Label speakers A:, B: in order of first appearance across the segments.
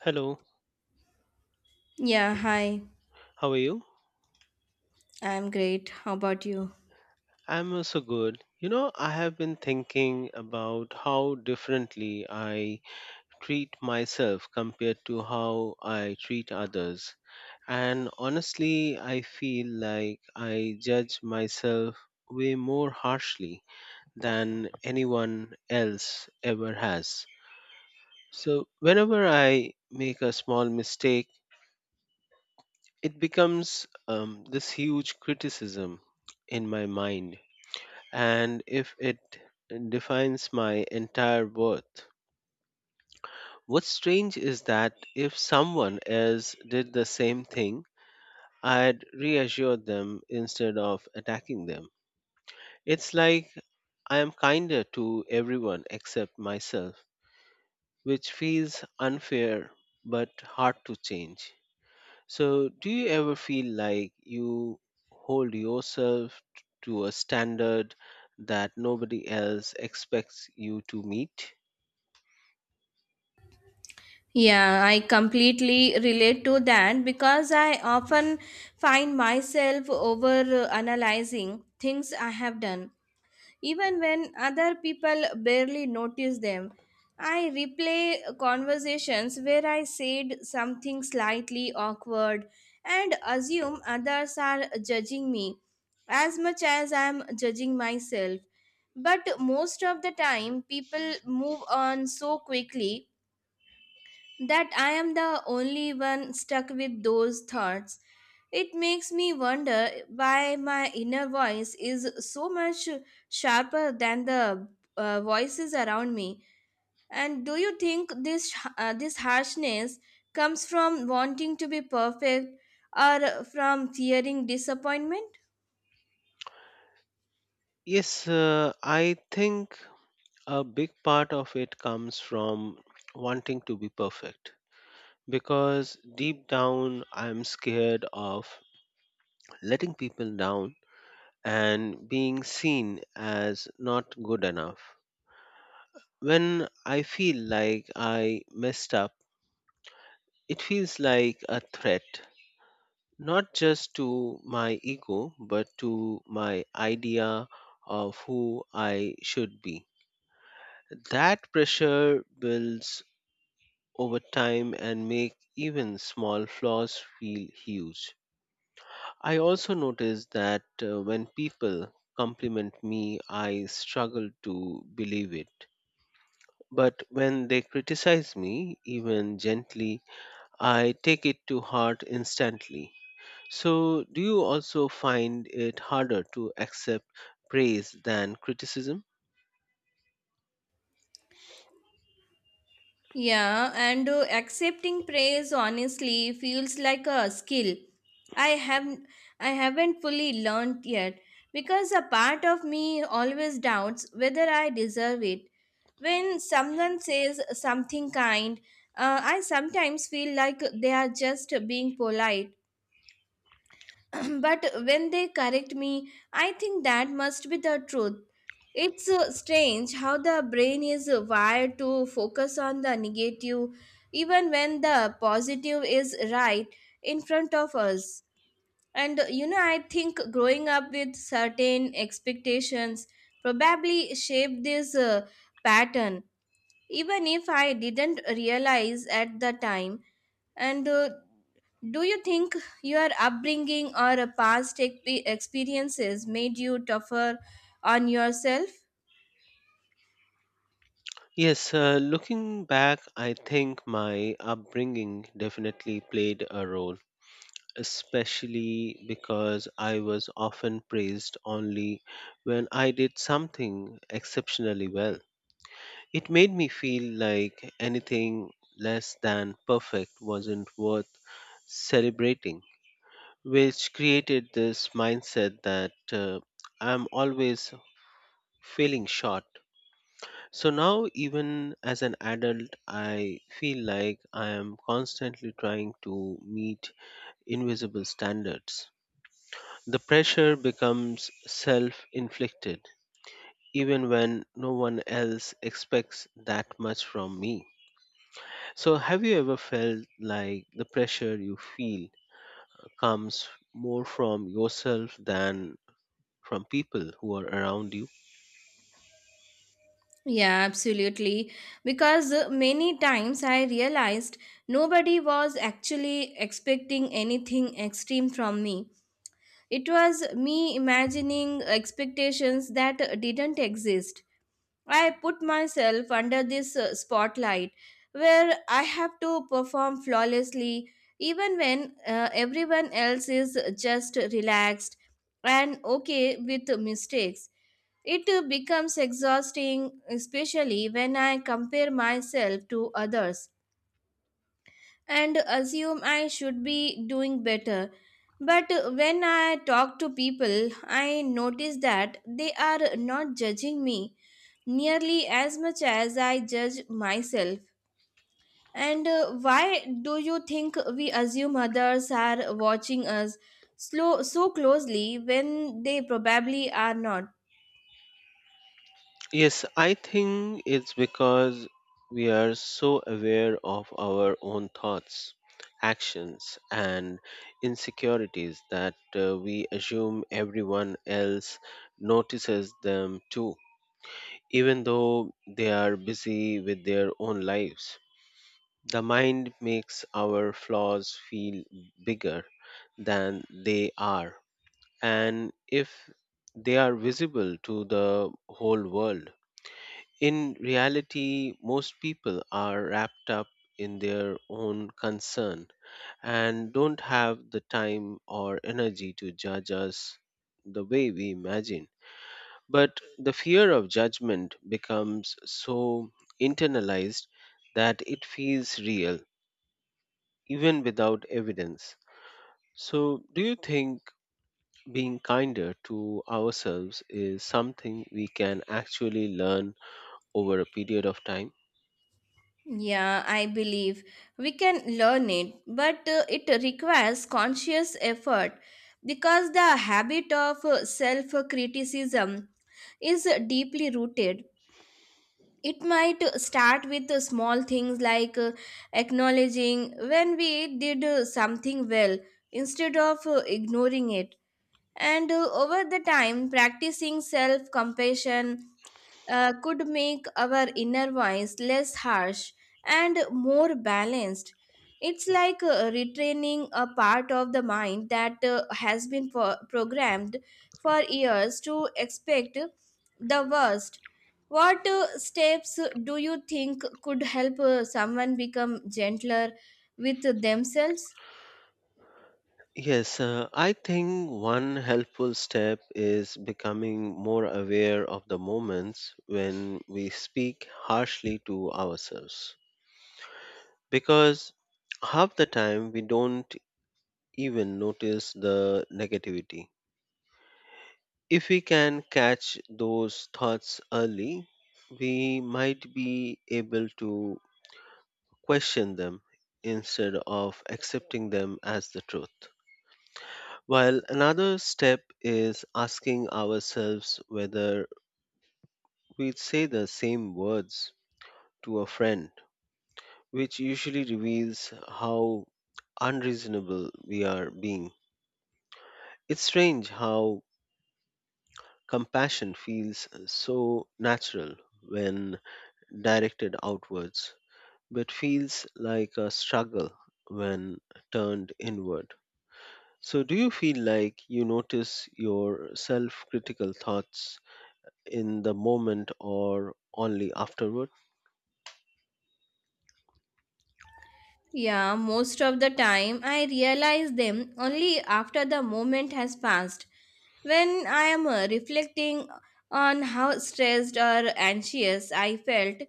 A: Hello,
B: Yeah, hi.
A: how are you?
B: I'm great. How about you?
A: I'm also good. You know, I have been thinking about how differently I treat myself compared to how I treat others. And honestly, I feel like I judge myself way more harshly than anyone else ever has. So, whenever I make a small mistake, it becomes this huge criticism in my mind and if it defines my entire worth. What's strange is that if someone else did the same thing, I'd reassure them instead of attacking them. It's like I am kinder to everyone except myself, which feels unfair but hard to change. So, do you ever feel like you hold yourself to a standard that nobody else expects you to meet?
B: Yeah, I completely relate to that because I often find myself over analyzing things I have done even when other people barely notice them. I replay conversations where I said something slightly awkward and assume others are judging me as much as I am judging myself. But most of the time, people move on so quickly that I am the only one stuck with those thoughts. It makes me wonder why my inner voice is so much sharper than the voices around me. And do you think this harshness comes from wanting to be perfect or from fearing disappointment?
A: Yes, I think a big part of it comes from wanting to be perfect because deep down I'm scared of letting people down and being seen as not good enough. When I feel like I messed up, it feels like a threat, not just to my ego, but to my idea of who I should be. That pressure builds over time and make even small flaws feel huge. I also notice that when people compliment me, I struggle to believe it. But when they criticize me, even gently, I take it to heart instantly. So, do you also find it harder to accept praise than criticism?
B: Yeah, and accepting praise honestly feels like a skill. I have I haven't fully learned yet because a part of me always doubts whether I deserve it. When someone says something kind, I sometimes feel like they are just being polite but when they correct me, I think that must be the truth. It's strange how the brain is wired to focus on the negative even when the positive is right in front of us. And you know, I think growing up with certain expectations probably shaped this pattern, even if I didn't realize at the time. And do you think your upbringing or a past experiences made you tougher on yourself?
A: Yes, looking back, I think my upbringing definitely played a role, especially because I was often praised only when I did something exceptionally well. It made me feel like anything less than perfect wasn't worth celebrating, which created this mindset that I'm always failing short. So now, even as an adult, I feel like I am constantly trying to meet invisible standards. The pressure becomes self inflicted, even when no one else expects that much from me. So, have you ever felt like the pressure you feel comes more from yourself than from people who are around you?
B: Yeah, absolutely. Because many times I realized nobody was actually expecting anything extreme from me. It was me imagining expectations that didn't exist. I put myself under this spotlight where I have to perform flawlessly even when everyone else is just relaxed and okay with mistakes. It becomes exhausting, especially when I compare myself to others and assume I should be doing better. But when I talk to people, I notice that they are not judging me nearly as much as I judge myself. And why do you think we assume others are watching us slow, so closely when they probably are not?
A: Yes, I think it's because we are so aware of our own thoughts, actions, and insecurities that we assume everyone else notices them too, even though they are busy with their own lives. The mind makes our flaws feel bigger than they are, and if they are visible to the whole world, in reality, most people are wrapped up in their own concern and don't have the time or energy to judge us the way we imagine. But the fear of judgment becomes so internalized that it feels real, even without evidence. So, do you think being kinder to ourselves is something we can actually learn over a period of time?
B: Yeah, I believe we can learn it, but it requires conscious effort because the habit of self criticism is deeply rooted. It might start with small things like acknowledging when we did something well instead of ignoring it. And over the time, practicing self compassion could make our inner voice less harsh and more balanced. It's like retraining a part of the mind that has been programmed for years to expect the worst. What steps do you think could help someone become gentler with themselves?
A: Yes, I think one helpful step is becoming more aware of the moments when we speak harshly to ourselves. Because half the time we don't even notice the negativity. If we can catch those thoughts early, we might be able to question them instead of accepting them as the truth. While another step is asking ourselves whether we'd say the same words to a friend, which usually reveals how unreasonable we are being. It's strange how compassion feels so natural when directed outwards, but feels like a struggle when turned inward. So, do you feel like you notice your self critical thoughts in the moment or only afterward?
B: Yeah, most of the time I realize them only after the moment has passed. When I am reflecting on how stressed or anxious I felt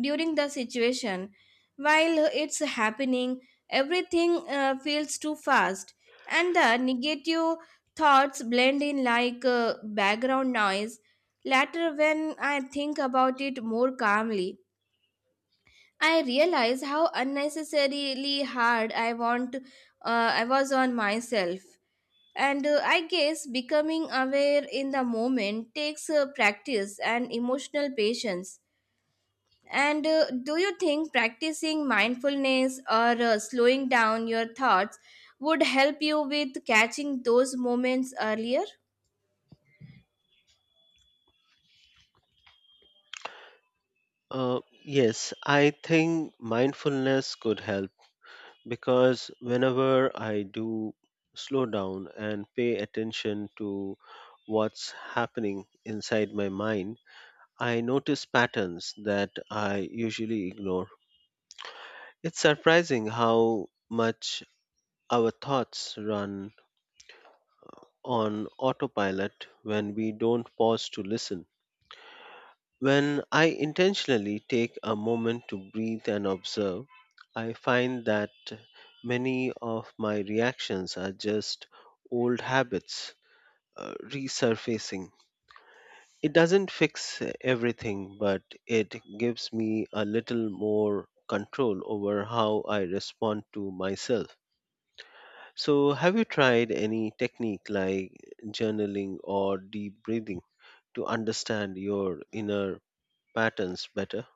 B: during the situation, while it's happening, everything feels too fast and the negative thoughts blend in like background noise. Later, when I think about it more calmly, I realize how unnecessarily hard I was on myself. And I guess becoming aware in the moment takes practice and emotional patience. And do you think practicing mindfulness or slowing down your thoughts would help you with catching those moments earlier?
A: Yes, I think mindfulness could help because whenever I do slow down and pay attention to what's happening inside my mind, I notice patterns that I usually ignore. It's surprising how much our thoughts run on autopilot when we don't pause to listen. When I intentionally take a moment to breathe and observe, I find that many of my reactions are just old habits resurfacing. It doesn't fix everything, but it gives me a little more control over how I respond to myself. So, have you tried any technique like journaling or deep breathing to understand your inner patterns better?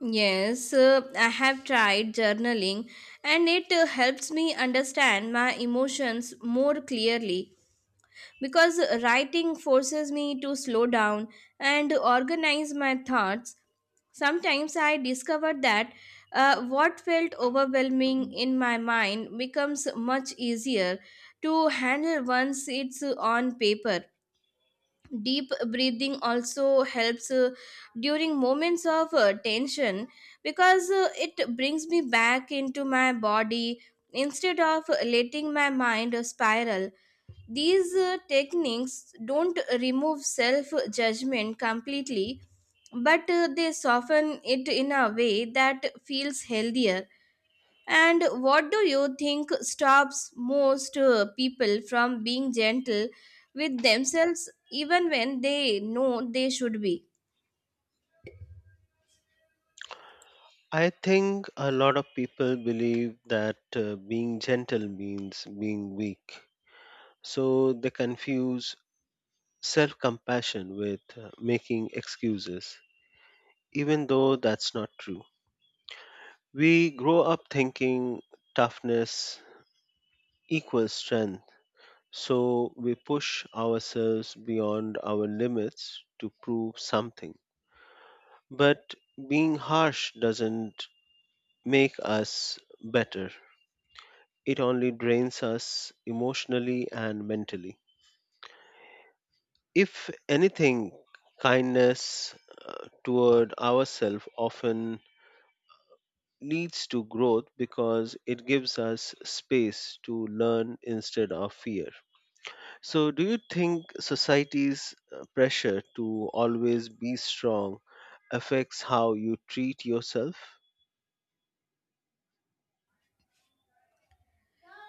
B: Yes, I have tried journaling and it helps me understand my emotions more clearly because writing forces me to slow down and organize my thoughts. Sometimes I discover that what felt overwhelming in my mind becomes much easier to handle once it's on paper. Deep breathing also helps during moments of tension because it brings me back into my body instead of letting my mind spiral these techniques don't remove self judgment completely, but they soften it in a way that feels healthier. And what do you think stops most people from being gentle with themselves even when they know they should be?
A: I think a lot of people believe that being gentle means being weak. So they confuse self compassion with making excuses, even though that's not true. We grow up thinking toughness equals strength. So we push ourselves beyond our limits to prove something. But being harsh doesn't make us better, it only drains us emotionally and mentally. If anything, kindness toward ourselves often leads to growth because it gives us space to learn instead of fear. So, do you think society's pressure to always be strong affects how you treat yourself?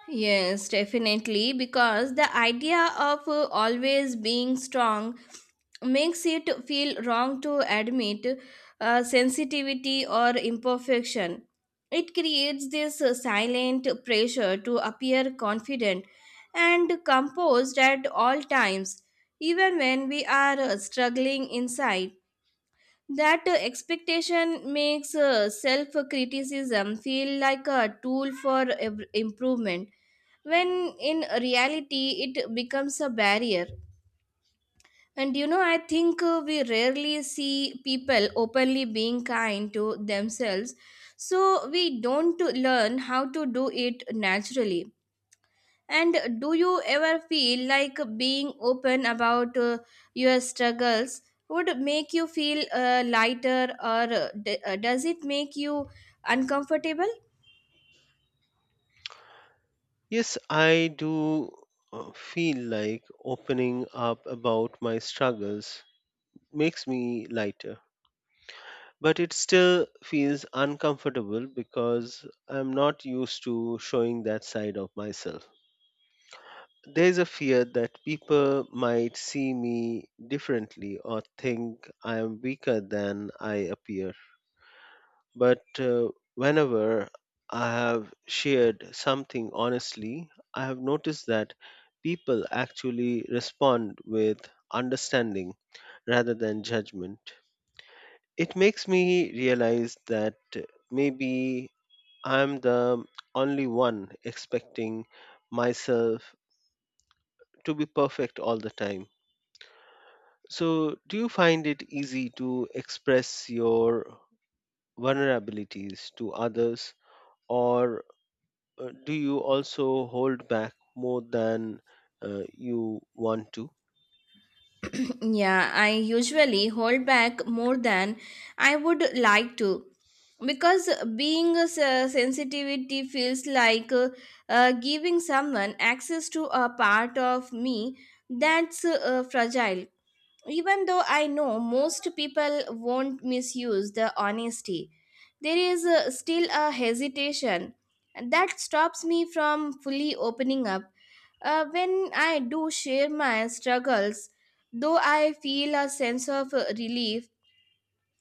B: Yes, definitely, because the idea of always being strong makes it feel wrong to admit sensitivity or imperfection. It creates this silent pressure to appear confident and composed at all times, even when we are struggling inside. That expectation makes self criticism feel like a tool for improvement when in reality it becomes a barrier. And you know, I think we rarely see people openly being kind to themselves, so we don't learn how to do it naturally. And do you ever feel like being open about your struggles would make you feel lighter, or does it make you uncomfortable?
A: Yes, I do feel like opening up about my struggles makes me lighter. But it still feels uncomfortable because I'm not used to showing that side of myself. There is a fear that people might see me differently or think I am weaker than I appear. But whenever I have shared something honestly, I have noticed that people actually respond with understanding rather than judgment. It makes me realize that maybe I'm the only one expecting myself to be perfect all the time. So, do you find it easy to express your vulnerabilities to others, or do you also hold back more than you want to?
B: Yeah, I usually hold back more than I would like to because being a sensitivity feels like giving someone access to a part of me that's fragile even though I know most people won't misuse the honesty, there is still a hesitation that stops me from fully opening up. When I do share my struggles, though I feel a sense of relief,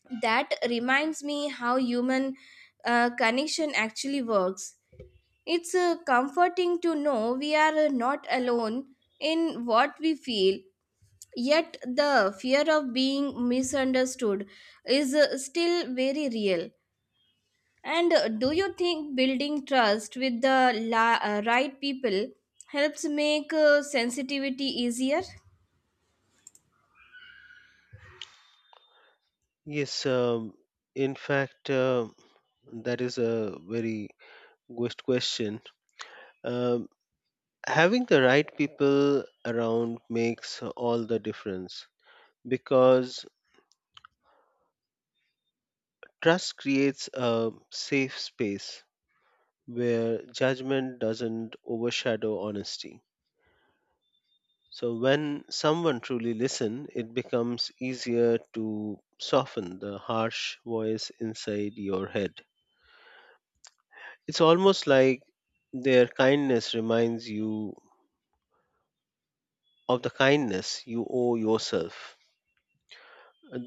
B: that reminds me how human connection actually works. It's comforting to know we are not alone in what we feel. Yet the fear of being misunderstood is still very real. And do you think building trust with the right people helps make sensitivity easier?
A: Yes, in fact, that is a very good question. Um, Having the right people around makes all the difference because trust creates a safe space where judgment doesn't overshadow honesty. So when someone truly listens, it becomes easier to soften the harsh voice inside your head. It's almost like their kindness reminds you of the kindness you owe yourself.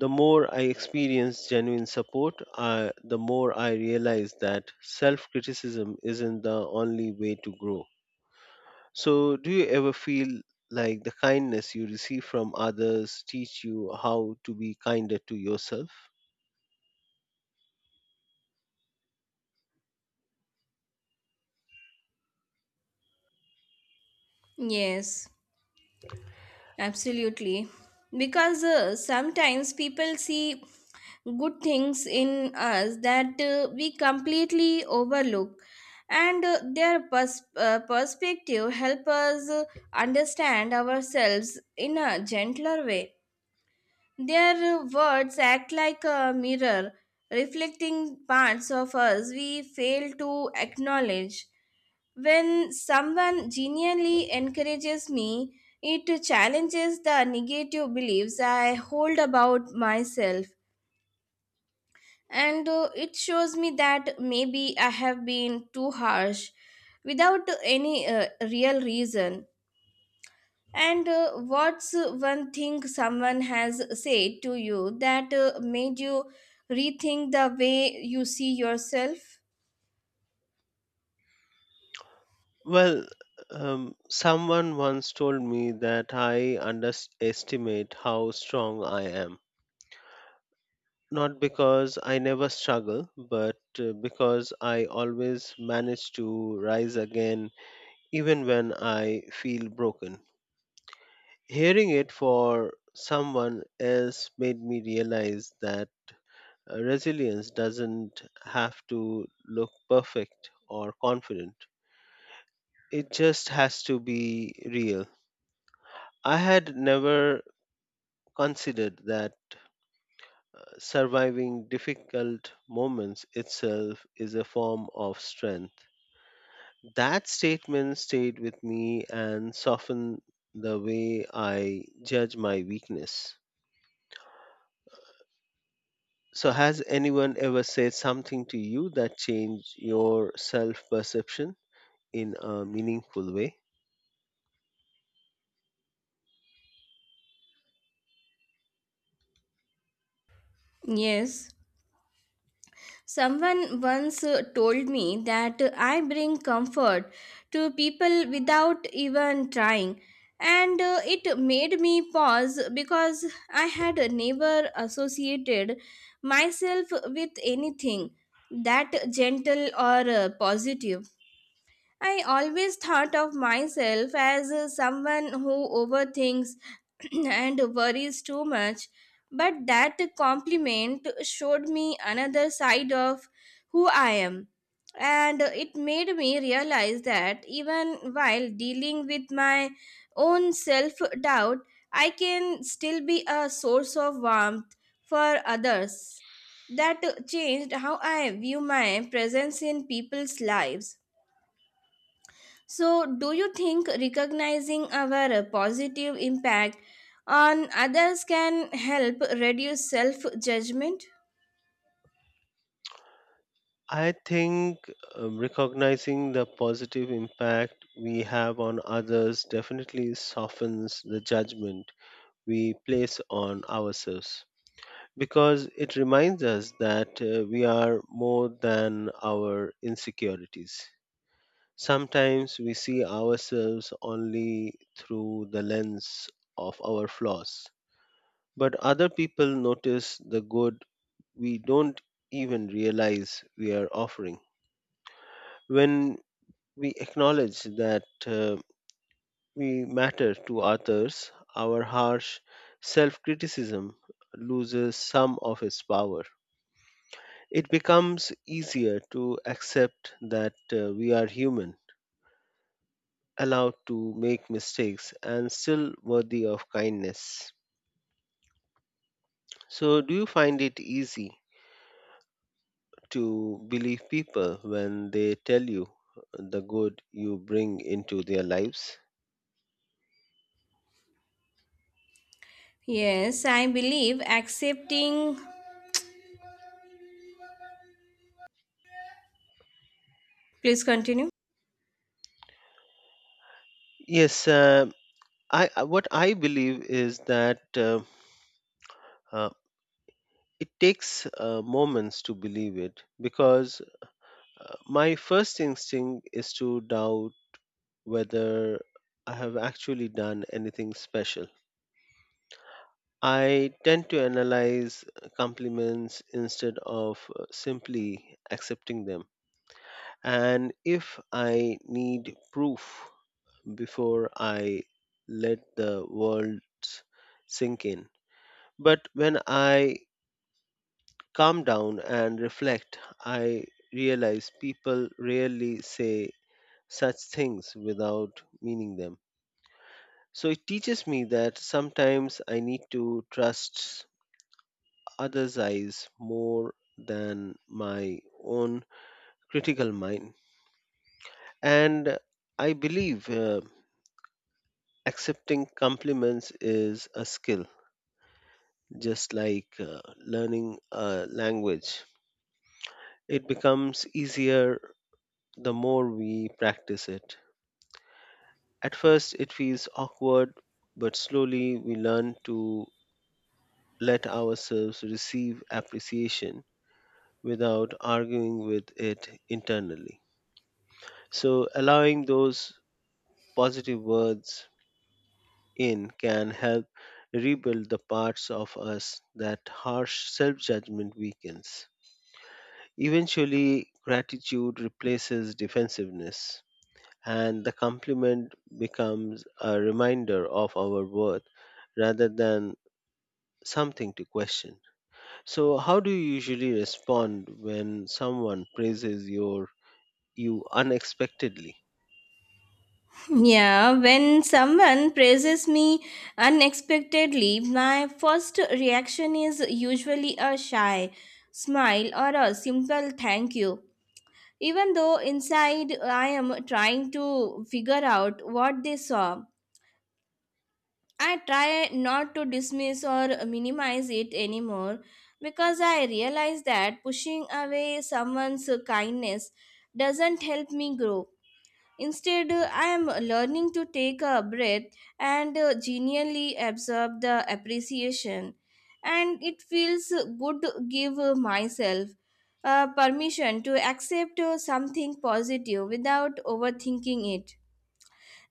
A: The more I experience genuine support, the more I realize that self criticism isn't the only way to grow. So, do you ever feel like the kindness you receive from others teach you how to be kinder to yourself?
B: Yes, absolutely. Because sometimes people see good things in us that we completely overlook and their pers- perspective help us understand ourselves in a gentler way. Their words act like a mirror reflecting parts of us we fail to acknowledge. When someone genuinely encourages me, it challenges the negative beliefs I hold about myself, and it shows me that maybe I have been too harsh without any real reason. And what's one thing someone has said to you that made you rethink the way you see yourself?
A: Well, someone once told me that I underestimate how strong I am. Not because I never struggle, but because I always manage to rise again even when I feel broken. Hearing it for someone else made me realize that resilience doesn't have to look perfect or confident, it just has to be real. I had never considered that surviving difficult moments itself is a form of strength. That statement stayed with me and softened the way I judge my weakness. So, has anyone ever said something to you that changed your self perception in a meaningful way?
B: Yes. Someone once told me that I bring comfort to people without even trying, and it made me pause because I had never associated myself with anything that gentle or positive. I always thought of myself as someone who overthinks and worries too much, but that compliment showed me another side of who I am. And it made me realize that even while dealing with my own self doubt, I can still be a source of warmth for others. That changed how I view my presence in people's lives. So, do you think recognizing our positive impact on others can help reduce self judgment?
A: I think recognizing the positive impact we have on others definitely softens the judgment we place on ourselves because it reminds us that we are more than our insecurities. Sometimes we see ourselves only through the lens of our flaws. But other people notice the good we don't even realize we are offering. When we acknowledge that we matter to others, our harsh self criticism loses some of its power. It becomes easier to accept that we are human, allowed to make mistakes, and still worthy of kindness. So, do you find it easy to believe people when they tell you the good you bring into their lives?
B: Yes, I believe accepting. Please continue.
A: Yes, what I believe is that uh, it takes moments to believe it because my first instinct is to doubt whether I have actually done anything special. I tend to analyze compliments instead of simply accepting them. And if I need proof before I let the words sink in. But when I calm down and reflect, I realize people rarely say such things without meaning them. So it teaches me that sometimes I need to trust others' eyes more than my own critical mind. And I believe accepting compliments is a skill just like learning a language. It becomes easier the more we practice it. At first, it feels awkward, but slowly we learn to let ourselves receive appreciation without arguing with it internally. So, allowing those positive words in can help rebuild the parts of us that harsh self judgment weakens. Eventually, gratitude replaces defensiveness, and the compliment becomes a reminder of our worth rather than something to question. So, how do you usually respond when someone praises your you unexpectedly?
B: Yeah, when someone praises me unexpectedly, my first reaction is usually a shy smile or a simple thank you. Even though inside I am trying to figure out what they saw. I try not to dismiss or minimize it anymore because I realize that pushing away someone's kindness doesn't help me grow. Instead, I am learning to take a breath and genuinely absorb the appreciation. And it feels good to give myself permission to accept something positive without overthinking it.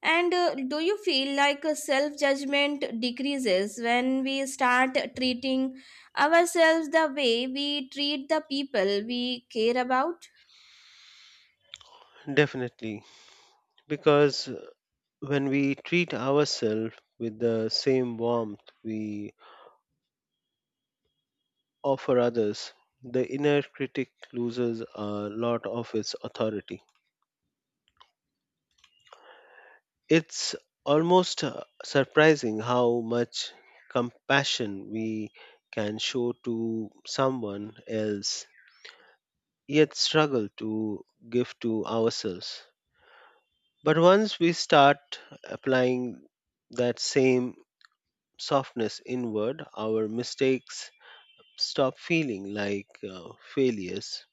B: And do you feel like self judgment decreases when we start treating ourselves the way we treat the people we care about?
A: Definitely, because when we treat ourselves with the same warmth we offer others, the inner critic loses a lot of its authority. It's almost surprising how much compassion we can show to someone else, yet struggle to give to ourselves. But once we start applying that same softness inward, our mistakes stop feeling like failures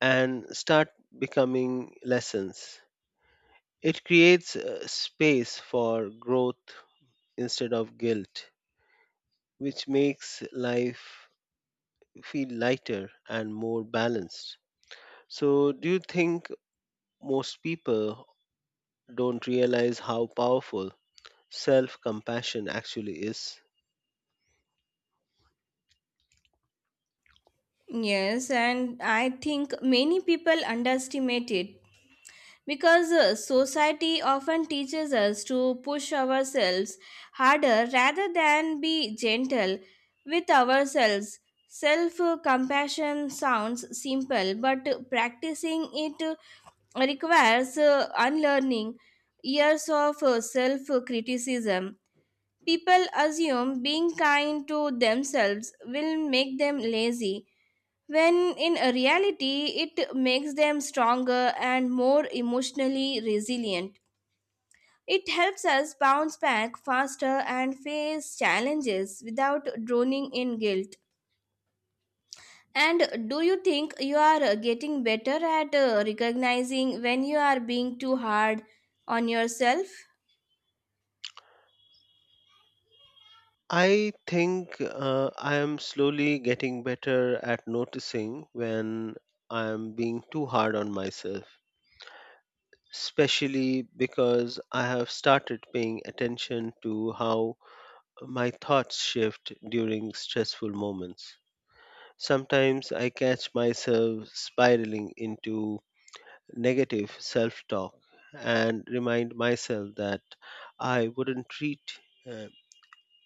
A: and start becoming lessons. It creates space for growth instead of guilt, which makes life feel lighter and more balanced. So, do you think most people don't realize how powerful self compassion actually is?
B: Yes, and I think many people underestimate it because society often teaches us to push ourselves harder rather than be gentle with ourselves. Self compassion sounds simple, but practicing it requires unlearning years of self criticism. People assume being kind to themselves will make them lazy, when in reality, it makes them stronger and more emotionally resilient. It helps us bounce back faster and face challenges without drowning in guilt. And do you think you are getting better at recognizing when you are being too hard on yourself?
A: I think I am slowly getting better at noticing when I am being too hard on myself, especially because I have started paying attention to how my thoughts shift during stressful moments. Sometimes I catch myself spiraling into negative self talk and remind myself that I wouldn't treat uh,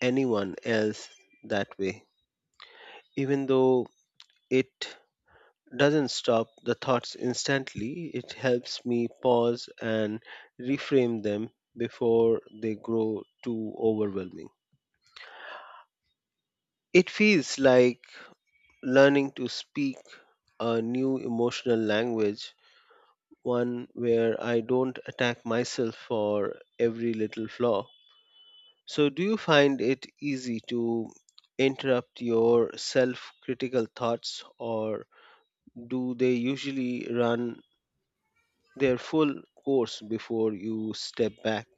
A: anyone else that way. Even though it doesn't stop the thoughts instantly, it helps me pause and reframe them before they grow too overwhelming. It feels like learning to speak a new emotional language, one where I don't attack myself for every little flaw. So, do you find it easy to interrupt your self critical thoughts, or do they usually run their full course before you step back?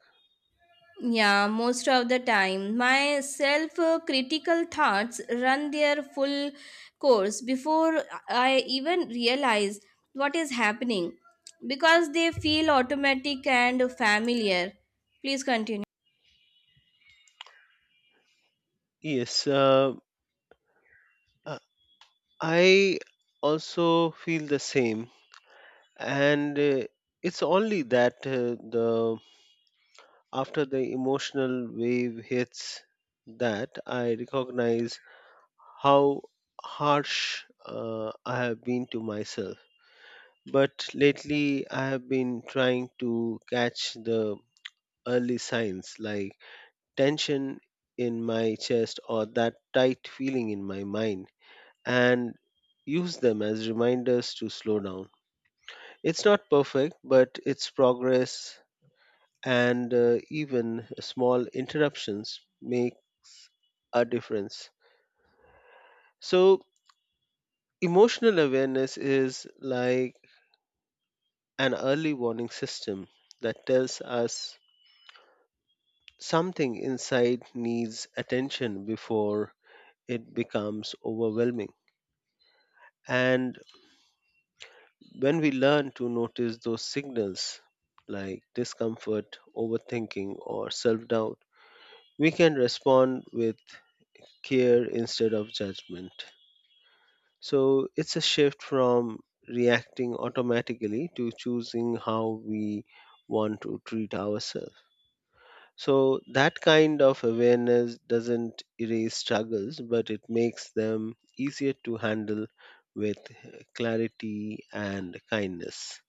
B: Yeah, most of the time. My self critical thoughts run their full course before I even realize what is happening because they feel automatic and familiar. Please continue.
A: Yes, uh, I also feel the same, and it's only that the after the emotional wave hits that I recognize how harsh I have been to myself. But lately, I have been trying to catch the early signs like tension in my chest or that tight feeling in my mind, and use them as reminders to slow down. It's not perfect, but it's progress, and even small interruptions make a difference. So, emotional awareness is like an early warning system that tells us something inside needs attention before it becomes overwhelming. And when we learn to notice those signals like discomfort, overthinking, or self doubt, we can respond with care instead of judgment. So it's a shift from reacting automatically to choosing how we want to treat ourselves. So that kind of awareness doesn't erase struggles, but it makes them easier to handle with uh, clarity and kindness.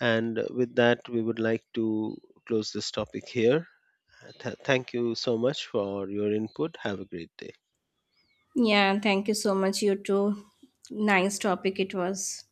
A: And with that, we would like to close this topic here. Thank you so much for your input. Have a great day.
B: Yeah, thank you so much, you too. Nice topic it was.